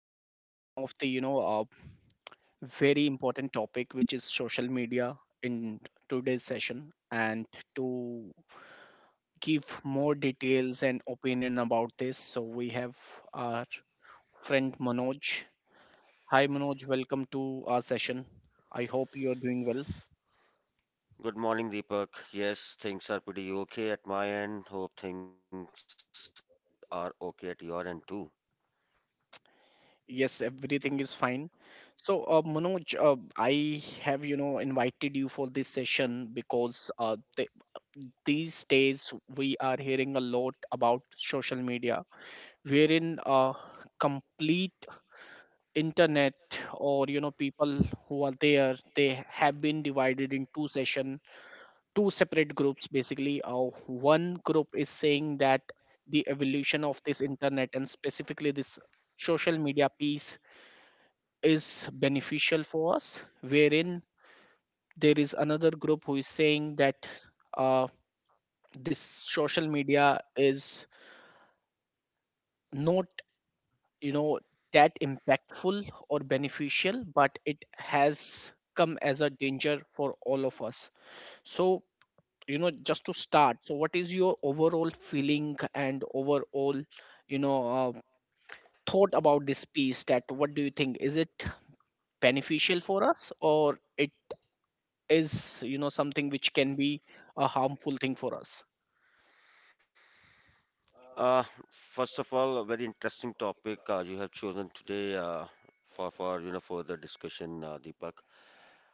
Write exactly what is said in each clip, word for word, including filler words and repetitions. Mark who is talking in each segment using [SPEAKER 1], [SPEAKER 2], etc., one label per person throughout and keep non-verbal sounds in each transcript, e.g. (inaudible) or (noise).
[SPEAKER 1] uh, one of the you know uh, very important topic which is social media in today's session, and to give more details and opinion about this, so we have our friend Manoj. Hi Manoj, welcome to our session. I hope you are doing well.
[SPEAKER 2] Good morning, Deepak. Yes, things are pretty okay at my end. Hope things are okay at your end too.
[SPEAKER 1] Yes, everything is fine. So, uh, Manoj, uh, I have, you know, invited you for this session because uh, the these days we are hearing a lot about social media, wherein uh, complete internet, or you know, people who are there, they have been divided in two session, two separate groups basically. Uh, one group is saying that the evolution of this internet and specifically this social media piece is beneficial for us, wherein there is another group who is saying that uh, this social media is not, you know, that impactful or beneficial, but it has come as a danger for all of us. So, you know, just to start, so what is your overall feeling and overall, you know uh, thought about this piece, that what do you think, is it beneficial for us, or it is, you know, something which can be a harmful thing for us?
[SPEAKER 2] Uh, First of all, a very interesting topic uh, you have chosen today, uh, for for you know for the discussion, uh, Deepak.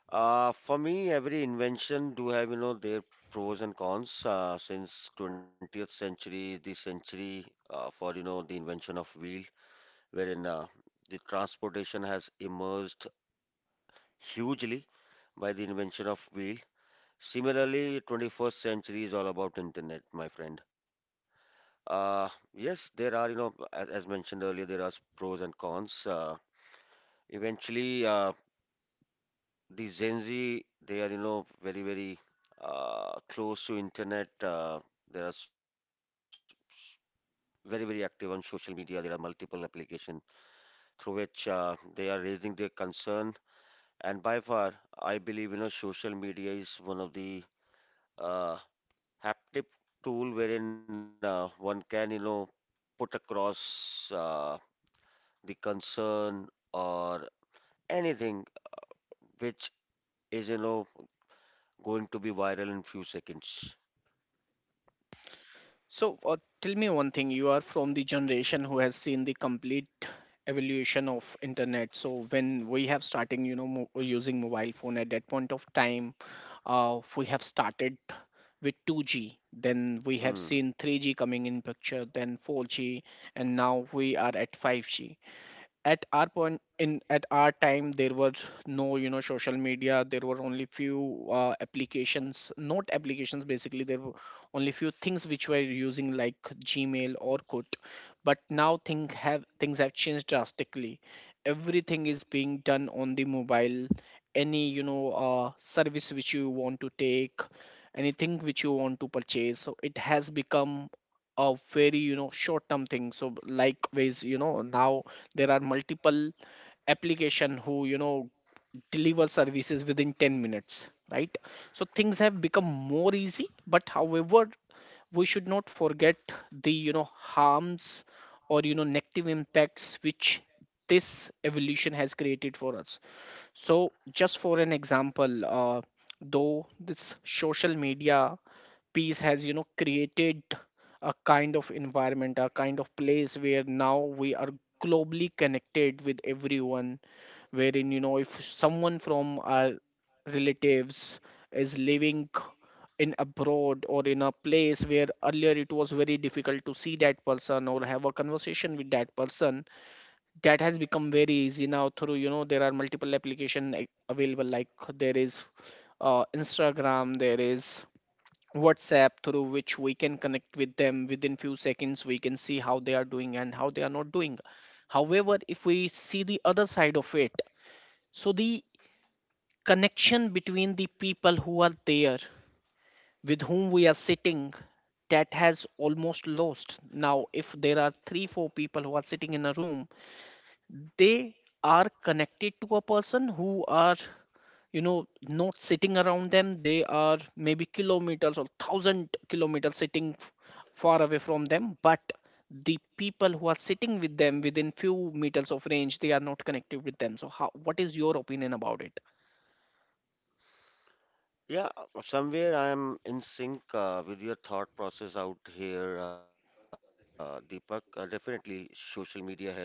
[SPEAKER 2] Uh, for me, every invention do have, you know, their pros and cons. Uh, since twentieth century, the century uh, for you know the invention of wheel, wherein, uh, the transportation has emerged hugely by the invention of wheel. Similarly, twenty-first century is all about internet, my friend. Uh, yes, there are, you know, as, as mentioned earlier, there are pros and cons. Uh, eventually, uh, the Gen Z, they are, you know, very, very uh, close to internet. Uh, they are s- very, very active on social media. There are multiple application through which uh, they are raising their concern. And by far, I believe, you know, social media is one of the uh, haptic tool, wherein uh, one can, you know, put across uh, the concern or anything which is, you know, going to be viral in few seconds.
[SPEAKER 1] So uh, tell me one thing, you are from the generation who has seen the complete evolution of internet. So when we have starting, you know, mo- using mobile phone at that point of time, uh, we have started with two g, then we have
[SPEAKER 2] Mm.
[SPEAKER 1] seen three g coming in picture, then four g, and now we are at five g. at our point in at our time there was no, you know, social media. There were only few uh, applications, not applications basically, there were only few things which were using, like gmail or Orkut. But now things have things have changed drastically. Everything is being done on the mobile. Any, you know, uh, service which you want to take, anything which you want to purchase, so it has become a very, you know, short term thing. So likewise, you know, now there are multiple application who, you know, deliver services within ten minutes, right? So things have become more easy, but however, we should not forget the, you know, harms, or you know, negative impacts which this evolution has created for us. So just for an example, uh, though this social media peace has, you know, created a kind of environment, a kind of place where now we are globally connected with everyone, wherein, you know, if someone from our relatives is living in abroad, or in a place where earlier it was very difficult to see that person or have a conversation with that person, that has become very easy now. Through, you know, there are multiple application like, available, like there is uh, instagram, there is WhatsApp, through which we can connect with them within few seconds. We can see how they are doing and how they are not doing. However, if we see the other side of it, so the connection between the people who are there, with whom we are sitting, that has almost lost now. If there are three four people who are sitting in a room, they are connected to a person who are, you know, not sitting around them. They are maybe kilometers or thousand kilometers sitting f- far away from them, but the people who are sitting with them within few meters of range, they are not connected with them. So how, what is your opinion about it?
[SPEAKER 2] Yeah, somewhere I am in sync uh, with your thought process out here, uh, Deepak. Uh, definitely, social media has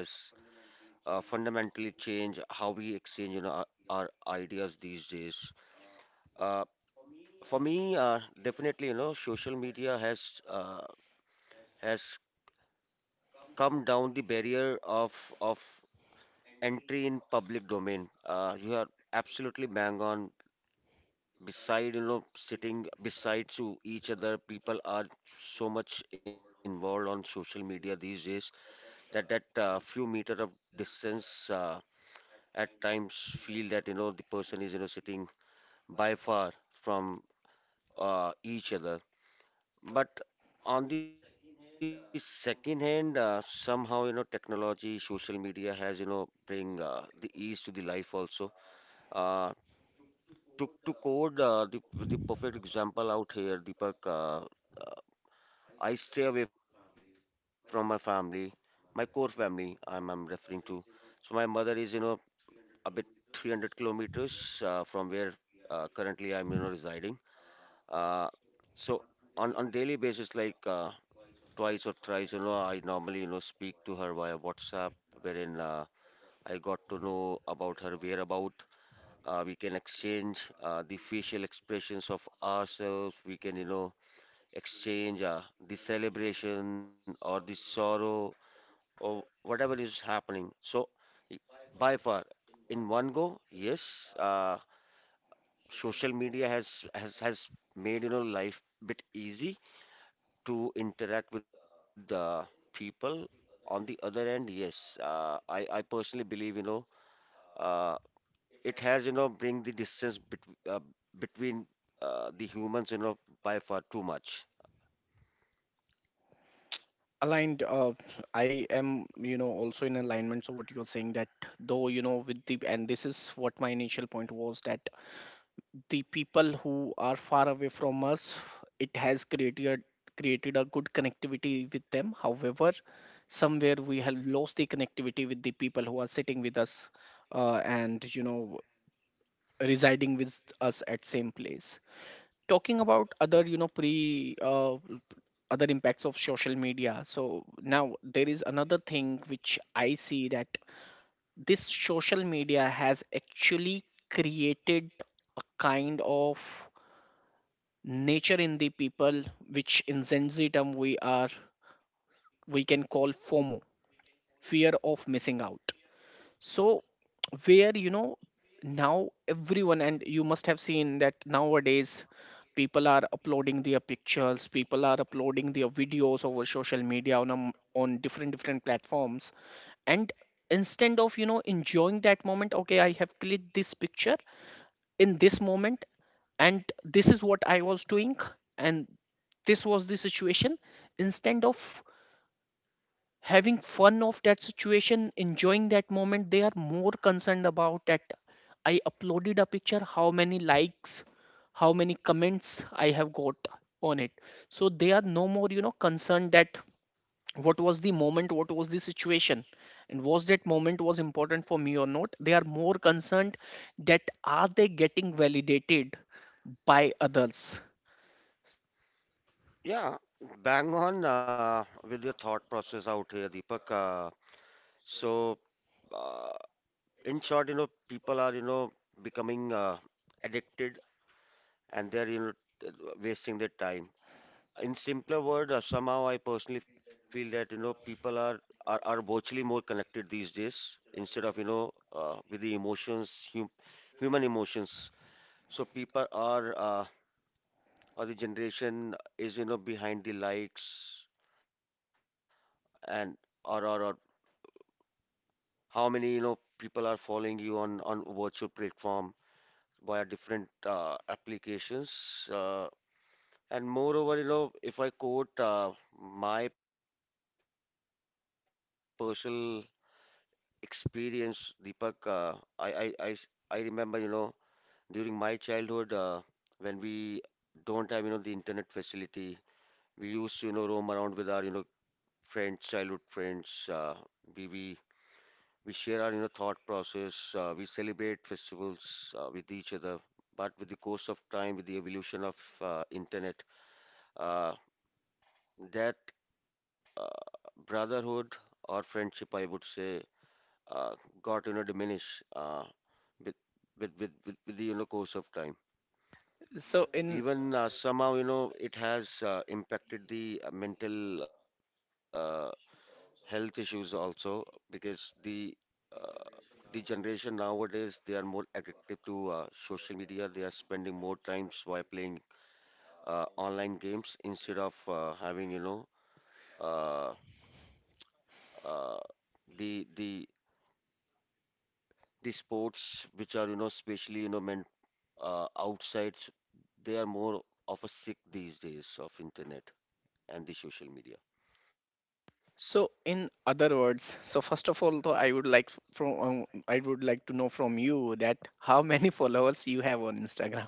[SPEAKER 2] uh, fundamentally changed how we exchange, you know, our, our ideas these days. Uh, For me, uh, definitely, you know, social media has uh, has come down the barrier of of entry in public domain. Uh, you are absolutely bang on. Beside, you know, sitting beside to each other, people are so much involved on social media these days that that uh, few meter of distance, uh, at times, feel that, you know, the person is, you know, sitting by far from, uh, each other. But on the second hand, uh, somehow, you know, technology, social media has, you know, bring uh, the ease to the life also. Uh, to to code, uh, the the perfect example out here, Deepak. Uh, uh, I stay away from my family, my core family, I'm I'm referring to. So my mother is, you know, a bit three hundred kilometers uh, from where, uh, currently I'm, you know, residing. Uh, so on on daily basis, like, uh, twice or thrice, you know, I normally, you know, speak to her via WhatsApp, wherein, uh, I got to know about her whereabout. Uh, we can exchange uh, the facial expressions of ourselves. We can, you know, exchange uh, the celebration or the sorrow or whatever is happening. So y- by far, in one go, yes. Uh, social media has has has made, you know, life bit easy to interact with the people. On the other end, yes, uh, I I personally believe, you know, uh, it has, you know, bring the distance bet uh, between uh, the humans, you know, by far too much.
[SPEAKER 1] Aligned, uh, I am, you know, also in alignment so what you're saying, that though, you know, with the, and this is what my initial point was, that the people who are far away from us, it has created, created a good connectivity with them, however, somewhere we have lost the connectivity with the people who are sitting with us, uh, and you know, residing with us at same place. Talking about other, you know, pre uh, other impacts of social media, so now there is another thing which I see, that this social media has actually created a kind of nature in the people, which in Gen Z term we are, we can call FOMO, fear of missing out. So where, you know, now everyone, and you must have seen that nowadays people are uploading their pictures, people are uploading their videos over social media on a m on different different platforms, and instead of, you know, enjoying that moment, okay, I have clicked this picture in this moment, and this is what I was doing, and this was the situation, instead of having fun of that situation, enjoying that moment, they are more concerned about that, I uploaded a picture, how many likes, how many comments I have got on it. So they are no more, you know, concerned that what was the moment, what was the situation, and was that moment was important for me or not. They are more concerned that are they getting validated by others.
[SPEAKER 2] Yeah, bang on uh, with your thought process out here, Deepak. Uh, so, uh, in short, you know, people are, you know, becoming uh, addicted, and they're, you know, t- wasting their time. In simpler word, uh, somehow I personally feel that, you know, people are are, are virtually more connected these days instead of, you know, uh, with the emotions, hum, human emotions. So people are, uh, or the generation is, you know, behind the likes and or or, or how many, you know, people are following you on on virtual platform via different uh, applications. Uh, And moreover, you know, if I quote uh, my personal experience, Deepak, uh, I, I, I s- I remember, you know, during my childhood, uh, when we don't have, you know, the internet facility, we used to, you know, roam around with our, you know, friends, childhood friends. Uh, we, we, we share our, you know, thought process. Uh, we celebrate festivals uh, with each other. But with the course of time, with the evolution of uh, internet, uh, that uh, brotherhood or friendship, I would say, uh, got, you know, diminished uh, with, with with with with the, you know, course of time.
[SPEAKER 1] so in
[SPEAKER 2] Even, uh, somehow, you know, it has uh, impacted the uh, mental uh, health issues also, because the uh, the generation nowadays, they are more addictive to uh, social media. They are spending more times while playing uh, online games instead of uh, having, you know, uh, uh, the the the sports which are, you know, especially, you know, meant uh, outside. They are more of a sick these days of internet and the social media.
[SPEAKER 1] so in other words, so first of all, though I would like f- from um, I would like to know from you, that how many (laughs) followers you have on instagram.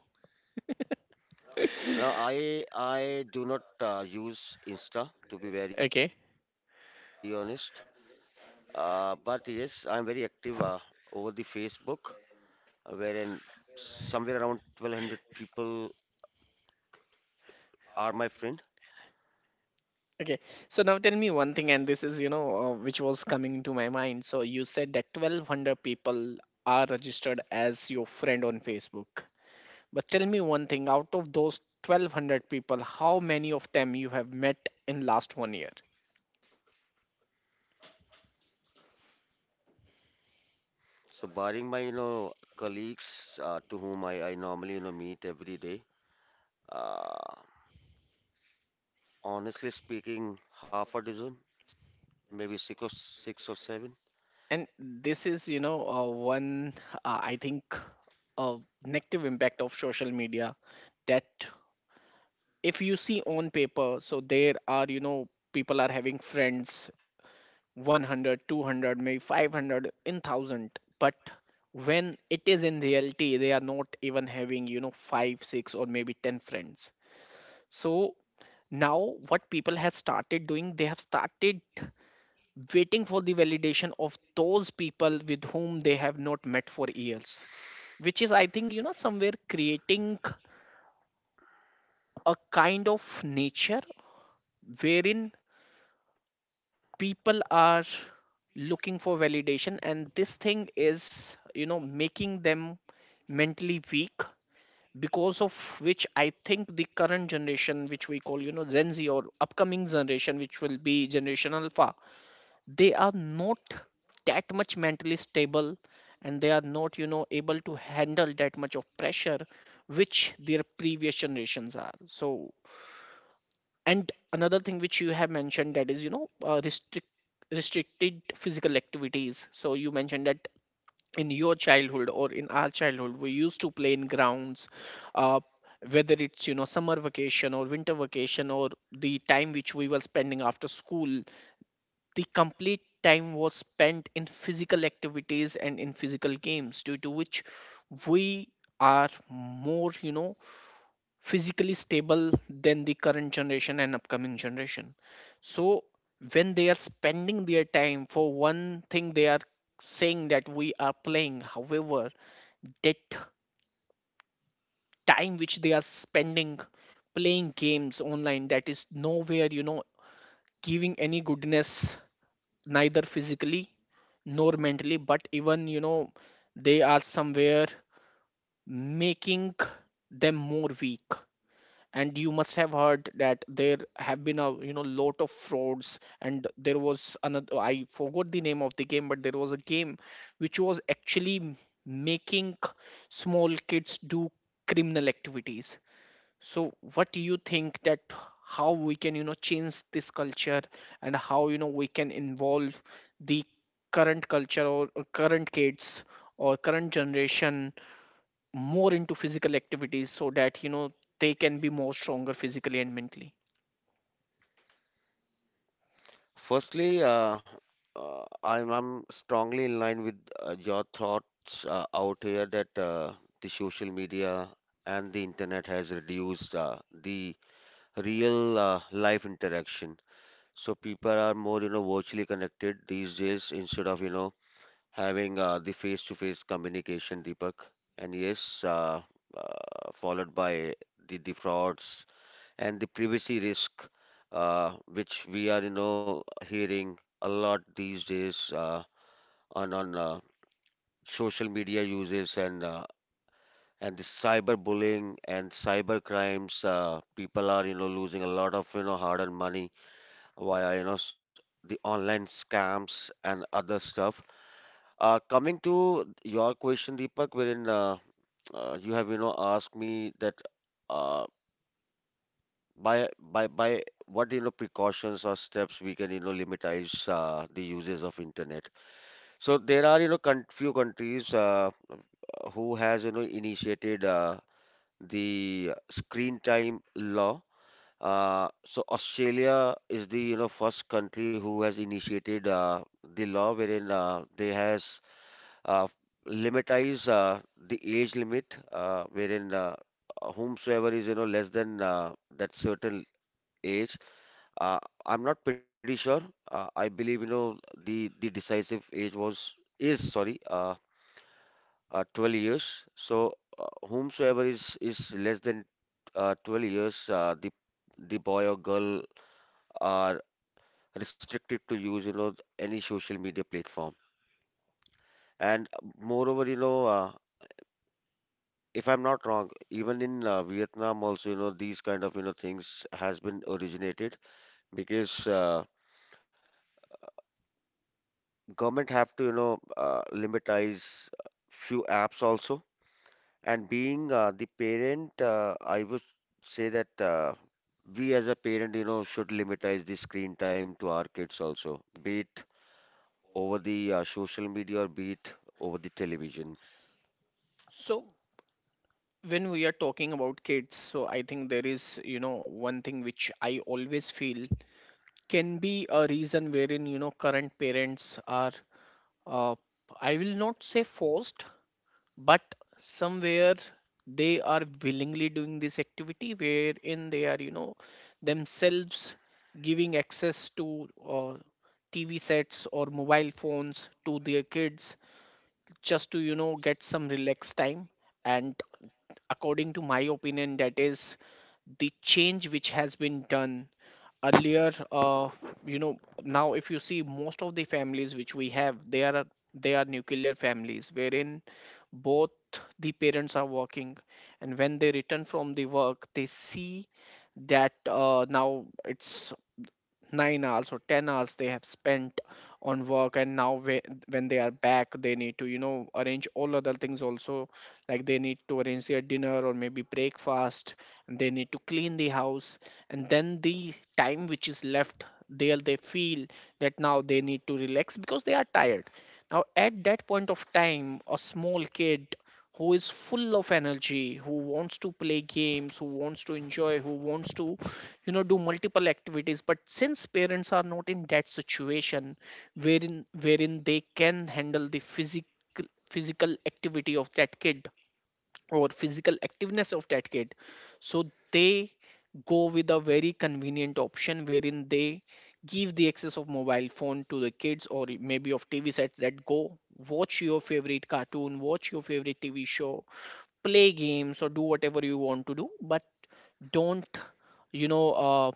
[SPEAKER 2] Now, i i do not uh, use insta, to be very
[SPEAKER 1] Okay.
[SPEAKER 2] honest. Uh, but yes, I am very active uh, over the Facebook, wherein somewhere around twelve hundred people are my friend.
[SPEAKER 1] Okay, so now tell me one thing, and this is, you know, uh, which was coming to my mind. So you said that twelve hundred people are registered as your friend on facebook, but tell me one thing, out of those twelve hundred people, how many of them you have met in last one year?
[SPEAKER 2] So, barring my, you know, colleagues uh, to whom I, I normally, you know, meet every day, uh, honestly speaking, half a dozen, maybe six or six or seven.
[SPEAKER 1] And this is, you know, uh, one uh, I think uh, negative impact of social media, that if you see on paper, so there are, you know, people are having friends one hundred, two hundred, maybe five hundred in one thousand, but when it is in reality, they are not even having, you know, five six or maybe ten friends. So now what people have started doing, they have started waiting for the validation of those people with whom they have not met for years, which is, I think, you know, somewhere creating a kind of nature, wherein people are looking for validation, and this thing is, you know, making them mentally weak. Because of which, I think the current generation, which we call, you know, gen z, or upcoming generation which will be generation alpha, they are not that much mentally stable, and they are not, you know, able to handle that much of pressure which their previous generations are. So, and another thing which you have mentioned, that is, you know, uh, restrict restricted physical activities. So you mentioned that in your childhood, or in our childhood, we used to play in grounds, uh, whether it's, you know, summer vacation or winter vacation, or the time which we were spending after school, the complete time was spent in physical activities and in physical games, due to which we are more, you know, physically stable than the current generation and upcoming generation. So when they are spending their time for one thing, they are saying that we are playing, however, that time which they are spending playing games online, that is nowhere, you know, giving any goodness, neither physically nor mentally, but even, you know, they are somewhere making them more weak. And you must have heard that there have been a, you know, lot of frauds, and there was another, I forgot the name of the game, but there was a game which was actually m- making small kids do criminal activities. So what do you think, that how we can, you know, change this culture, and how, you know, we can involve the current culture, or or current kids, or current generation, more into physical activities, so that you know, they can be more stronger physically and mentally.
[SPEAKER 2] Firstly, uh, uh, I'm I'm strongly in line with uh, your thoughts uh, out here, that uh, the social media and the internet has reduced uh, the real uh, life interaction. So people are more, you know, virtually connected these days instead of, you know, having uh, the face-to-face communication, Deepak. And yes, uh, uh, followed by the, the frauds and the privacy risk, uh, which we are, you know, hearing a lot these days uh, on on uh, social media uses, and uh, and the cyberbullying and cyber crimes. Uh, people are, you know, losing a lot of, you know, hard-earned money via, you know, s- the online scams and other stuff. Uh, coming to your question, Deepak, wherein, uh, uh, you have, you know, asked me that. Uh, by by by what, you know, precautions or steps we can, you know, limitize uh, the uses of internet. So there are, you know, con few countries uh, who has, you know, initiated uh, the screen time law. Uh, so Australia is the, you know, first country who has initiated uh, the law, wherein, uh, they has uh, limitize uh, the age limit, uh, wherein, uh, whomsoever is, you know, less than uh, that certain age, uh, I'm not pretty sure. Uh, I believe, you know, the the decisive age was is, sorry, uh, uh, twelve years. So uh, whomsoever is is less than, uh, twelve years, uh, the the boy or girl are restricted to use, you know, any social media platform. And moreover, you know, uh, if I'm not wrong, even in uh, Vietnam also, you know, these kind of, you know, things has been originated, because uh, government have to, you know, uh, limitize few apps also. And being uh, the parent, uh, I would say that, uh, we as a parent, you know, should limitize the screen time to our kids also, be it over the uh, social media or be it over the television.
[SPEAKER 1] So when we are talking about kids, so I think there is, you know, one thing which I always feel can be a reason wherein, you know, current parents are, uh, I will not say forced, but somewhere they are willingly doing this activity, wherein they are, you know, themselves giving access to uh, tv sets or mobile phones to their kids, just to, you know, get some relaxed time. And according to my opinion, that is the change which has been done earlier. Uh, you know, now if you see most of the families which we have, they are, they are nuclear families, wherein both the parents are working, and when they return from the work, they see that uh, now it's nine hours or ten hours they have spent on work, and now whe- when they are back, they need to, you know, arrange all other things also, like they need to arrange their dinner or maybe breakfast, and they need to clean the house, and then the time which is left there, they feel that now they need to relax because they are tired. Now at that point of time, a small kid Who is full of energy, who wants to play games, who wants to enjoy, who wants to you know do multiple activities. But since parents are not in that situation wherein wherein they can handle the physical physical activity of that kid, or physical activeness of that kid, so they go with a very convenient option wherein they give the access of mobile phone to the kids or maybe of tv sets: that go watch your favorite cartoon, watch your favorite tv show, play games, or do whatever you want to do, but don't, you know uh,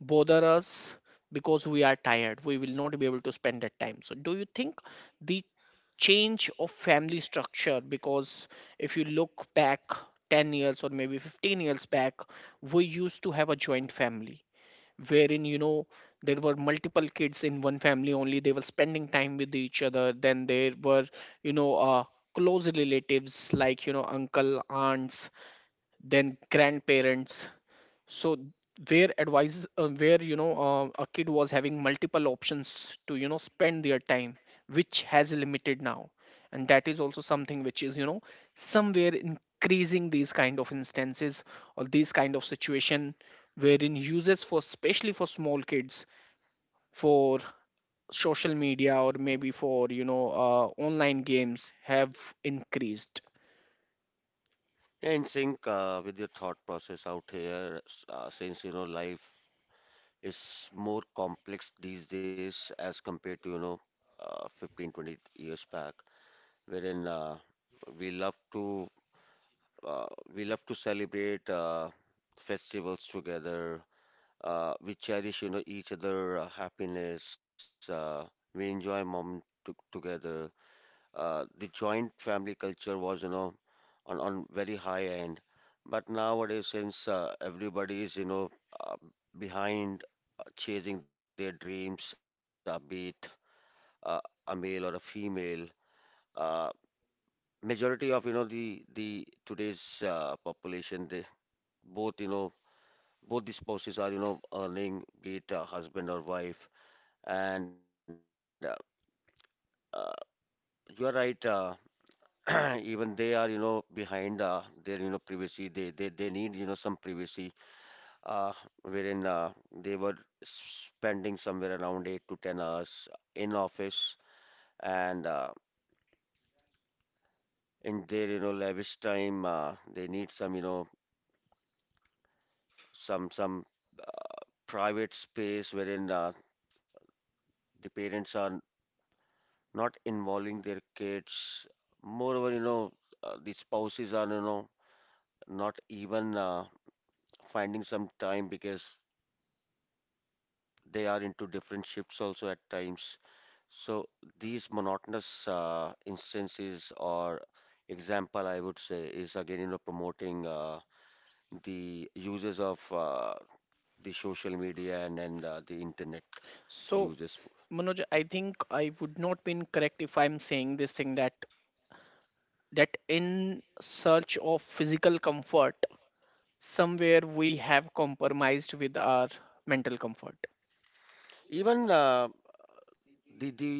[SPEAKER 1] bother us because we are tired, we will not be able to spend that time. So do you think the change of family structure, because if you look back ten years or maybe fifteen years back, we used to have a joint family wherein, you know, there were multiple kids in one family only, they were spending time with each other. Then there were, you know uh, close relatives like, you know, uncle aunts, then grandparents. So where advice, uh, where you know, uh, a kid was having multiple options to, you know, spend their time, which has limited now. And that is also something which is, you know, somewhere increasing these kind of instances or these kind of situation wherein users, for especially for small kids, for social media or maybe for, you know uh, online games, have increased.
[SPEAKER 2] In sync uh, with your thought process out here, s- uh, since, you know, life is more complex these days as compared to, you know, uh, fifteen, twenty years back, wherein, uh, we love to uh, we love to celebrate uh, festivals together. Uh, we cherish, you know, each other uh, happiness. Uh, we enjoy moment to together. Uh, the joint family culture was, you know, on on very high end. But nowadays, since, uh, everybody is, you know, uh, behind uh, chasing their dreams, uh, be it uh, a male or a female. Uh, majority of, you know, the the today's uh, population, they both, you know, both the spouses are, you know, earning, be it uh, husband or wife. And uh, uh, you are right, uh, (clears throat) even they are, you know, behind uh, their, you know, privacy. They they they need, you know, some privacy, uh, wherein, uh, they were spending somewhere around eight to ten hours in office. And uh, in their, you know, lavish time, uh, they need some, you know, some some uh, private space, wherein, uh, the parents are not involving their kids. Moreover, you know, uh, the spouses are, you know, not even uh, finding some time, because they are into different shifts also at times. So these monotonous uh, instances or example, I would say, is again, you know, promoting uh, the uses of uh, the social media and, and uh, the internet
[SPEAKER 1] So
[SPEAKER 2] uses.
[SPEAKER 1] Manoj, I think I would not be incorrect if I'm saying this thing that that in search of physical comfort, somewhere we have compromised with our mental comfort.
[SPEAKER 2] Even uh, the the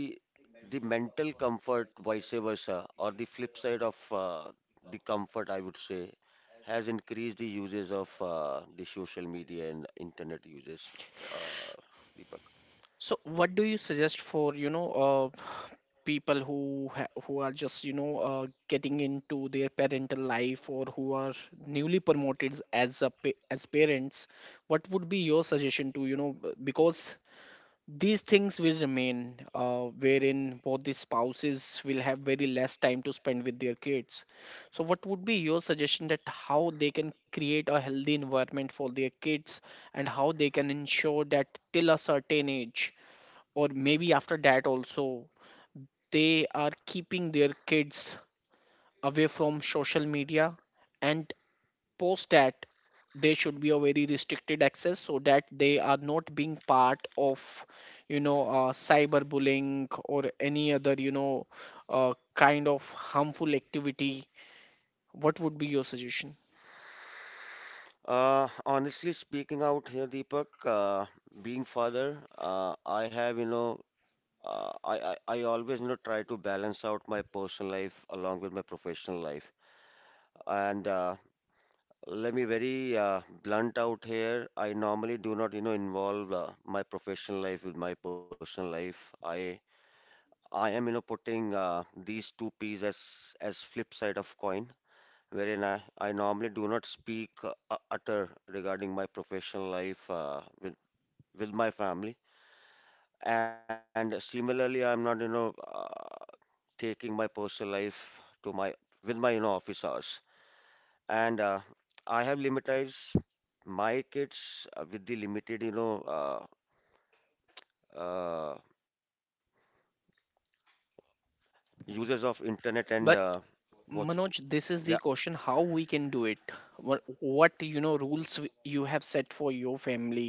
[SPEAKER 2] the mental comfort, vice versa, or the flip side of uh, the comfort, I would say, has increased the uses of uh, the social media and internet uses, uh, Deepak.
[SPEAKER 1] So, what do you suggest for you know uh, people who ha- who are just you know uh, getting into their parental life, or who are newly promoted as a pa- as parents? What would be your suggestion to you know, b- because these things will remain, uh, wherein both the spouses will have very less time to spend with their kids. So, what would be your suggestion, that how they can create a healthy environment for their kids, and how they can ensure that till a certain age, or maybe after that also, they are keeping their kids away from social media, and post that they should be a very restricted access, so that they are not being part of, you know uh, cyberbullying or any other you know, uh, kind of harmful activity? What would be your suggestion?
[SPEAKER 2] Uh, honestly speaking out here, Deepak, uh, being father, uh, I have, you know, uh, I, I, I always, you know, try to balance out my personal life along with my professional life. And uh, let me very uh, blunt out here. I normally do not, you know, involve uh, my professional life with my personal life. I I am, you know, putting uh, these two P's as as flip side of coin, wherein I, I normally do not speak uh, uh, utter regarding my professional life uh, with with my family. And similarly, I'm not, you know, uh, taking my personal life to my with my, you know, office hours. And uh, I have limitized my kids uh, with the limited, you know, uh, uh, uses of internet and uh,
[SPEAKER 1] But
[SPEAKER 2] watch.
[SPEAKER 1] Manoj, this
[SPEAKER 2] Yeah.
[SPEAKER 1] is the question, how we can do it? what, what you know rules w- you have set for your family,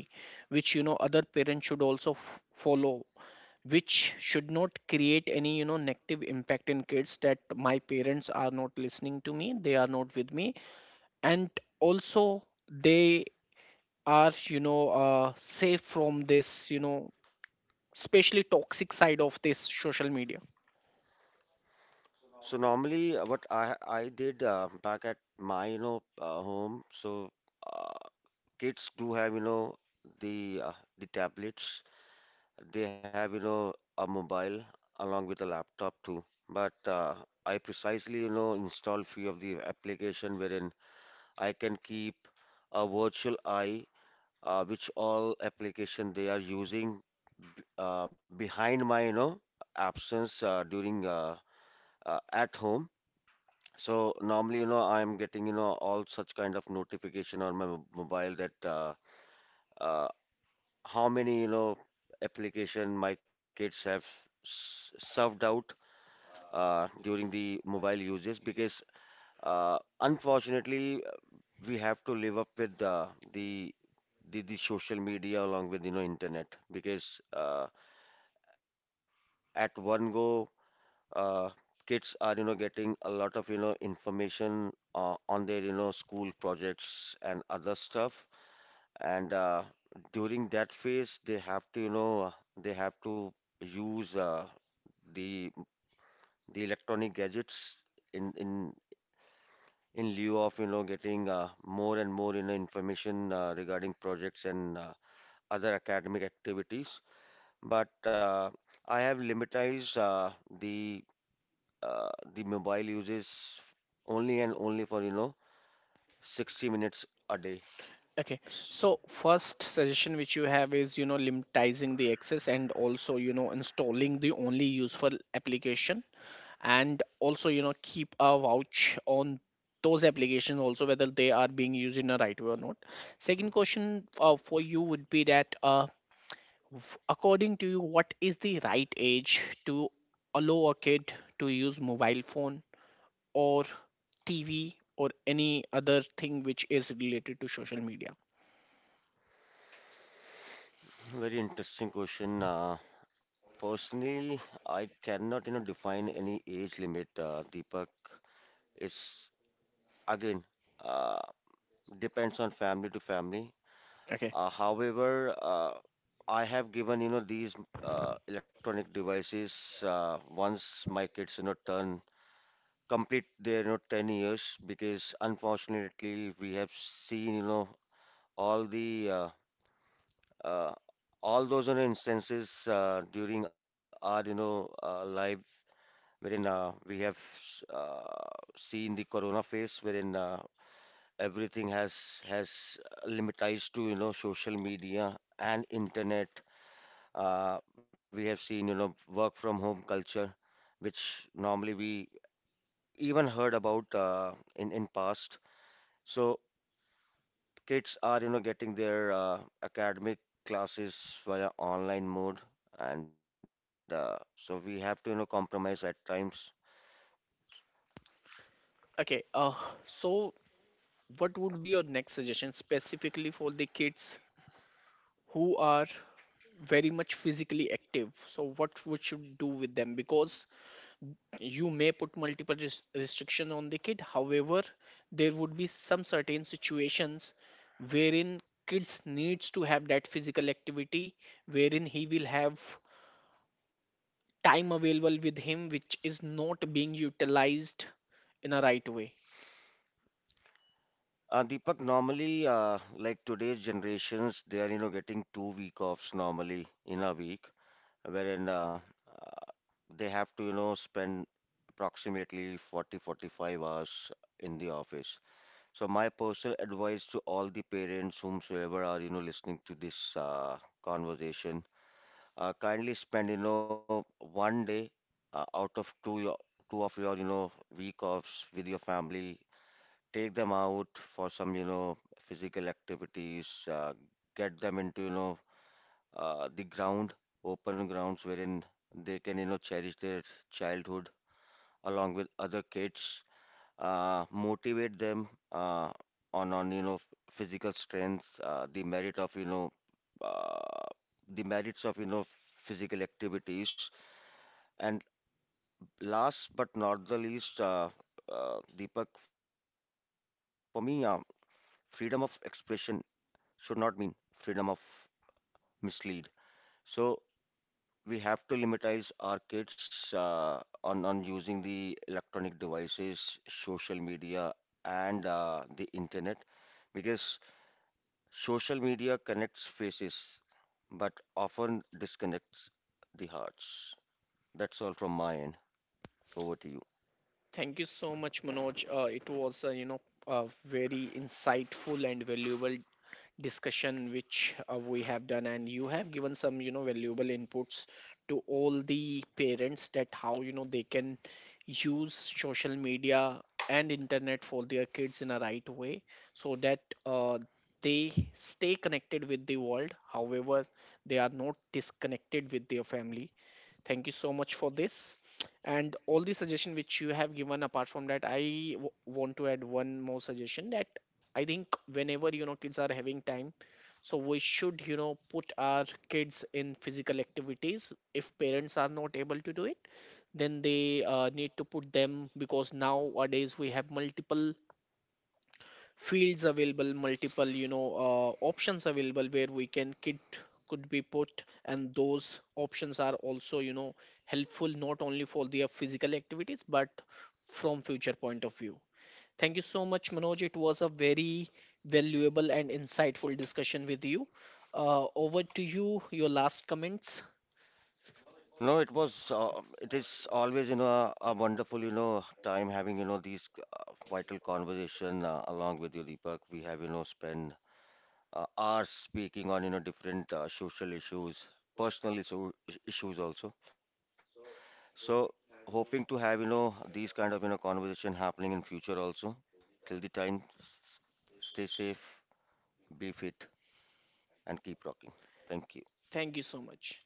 [SPEAKER 1] which you know other parents should also f- follow, which should not create any, you know, negative impact in kids, that my parents are not listening to me, they are not with me, and also they are, you know uh, safe from this, you know, especially toxic side of this social media.
[SPEAKER 2] So normally, uh, what I I did uh, back at my, you know, uh, home. So uh, kids do have, you know, the uh, the tablets. They have, you know, a mobile along with a laptop too. But uh, I precisely, you know, install few of the application wherein I can keep a virtual eye uh, which all application they are using b- uh, behind my, you know, absence uh, during uh, uh, at home. So normally, you know, I'm getting, you know, all such kind of notification on my mo- mobile that uh, uh, how many, you know, application my kids have s- served out uh, during the mobile uses because uh, unfortunately we have to live up with uh, the the, the social media along with, you know, internet because uh, at one go uh, kids are, you know, getting a lot of, you know, information uh, on their, you know, school projects and other stuff, and uh, during that phase they have to you know they have to use uh, the the electronic gadgets in in in lieu of, you know, getting uh, more and more, you know, information uh, regarding projects and uh, other academic activities, but uh, I have limitized uh, the uh, the mobile uses only and only for, you know, sixty minutes a day.
[SPEAKER 1] Okay,
[SPEAKER 2] S-
[SPEAKER 1] so first suggestion which you have is, you know, limiting the access, and also, you know, installing the only useful application, and also, you know, keep a watch on those applications also, whether they are being used in a right way or not. Second question, uh, for you would be that, uh, f- according to you, what is the right age to allow a kid to use mobile phone, or T V, or any other thing which is related to social media?
[SPEAKER 2] Very interesting question. Uh, personally, I cannot, you know, define any age limit. Uh, Deepak, it's again uh, depends on family to family.
[SPEAKER 1] Okay.
[SPEAKER 2] Uh, however, uh, I have given, you know, these uh, electronic devices uh, once my kids, you know, turn complete their, you know, ten years, because unfortunately we have seen, you know, all the uh, uh, all those, you know, instances uh, during our, you know, uh, life wherein uh, we have s- uh, seen the corona phase wherein uh, everything has has limitized to, you know, social media and internet. Uh, we have seen, you know, work from home culture which normally we even heard about uh, in in past. So kids are, you know, getting their uh, academic classes via online mode, and uh, so we have to, you know, compromise at times.
[SPEAKER 1] Okay. Uh, so what would be your next suggestion specifically for the kids who are very much physically active? So what we should do with them? Because you may put multiple res- restriction on the kid. However, there would be some certain situations wherein kids needs to have that physical activity, wherein he will have time available with him which is not being utilized in a right way.
[SPEAKER 2] Uh, Deepak, normally, uh, like today's generations, they are, you know, getting two week offs normally in a week, wherein uh, uh, they have to, you know, spend approximately forty, forty-five hours in the office. So my personal advice to all the parents, whomsoever are, you know, listening to this uh, conversation, uh, kindly spend, you know, one day uh, out of two your, two of your, you know, week offs with your family. Take them out for some, you know, physical activities, uh, get them into, you know, uh, the ground open grounds wherein they can, you know, cherish their childhood along with other kids, uh, motivate them uh, on on, you know, physical strength, uh, the merit of you know uh, the merits of, you know, physical activities, and last but not the least, uh, uh, Deepak, for me, uh, freedom of expression should not mean freedom of mislead. So we have to limitize our kids uh, on on using the electronic devices, social media, and uh, the internet, because social media connects faces, but often disconnects the hearts. That's all from my end. Over to you.
[SPEAKER 1] Thank you so much, Manoj. Uh, it was, uh, you know, a very insightful and valuable discussion which uh, we have done, and you have given some, you know, valuable inputs to all the parents, that how, you know, they can use social media and internet for their kids in a right way, so that uh, they stay connected with the world. However, they are not disconnected with their family. Thank you so much for this. And all the suggestion which you have given, apart from that, I w- want to add one more suggestion, that I think whenever you know kids are having time, so we should you know put our kids in physical activities. If parents are not able to do it, then they uh, need to put them, because nowadays we have multiple fields available, multiple you know, uh, options available, where we can kit could be put, and those options are also, you know, helpful not only for their physical activities, but from future point of view. Thank you so much, Manoj. It was a very valuable and insightful discussion with you. Uh, over to you, your last comments.
[SPEAKER 2] No, it was, uh, it is always, you know, a wonderful, you know, time having, you know, these uh, vital conversation uh, along with you, Deepak. We have, you know, spent uh, hours speaking on, you know, different uh, social issues, personal issue, issues also. So, hoping to have, you know, these kind of, you know, conversation happening in future also. Till the time, s- stay safe, be fit, and keep rocking. Thank you.
[SPEAKER 1] Thank you so much.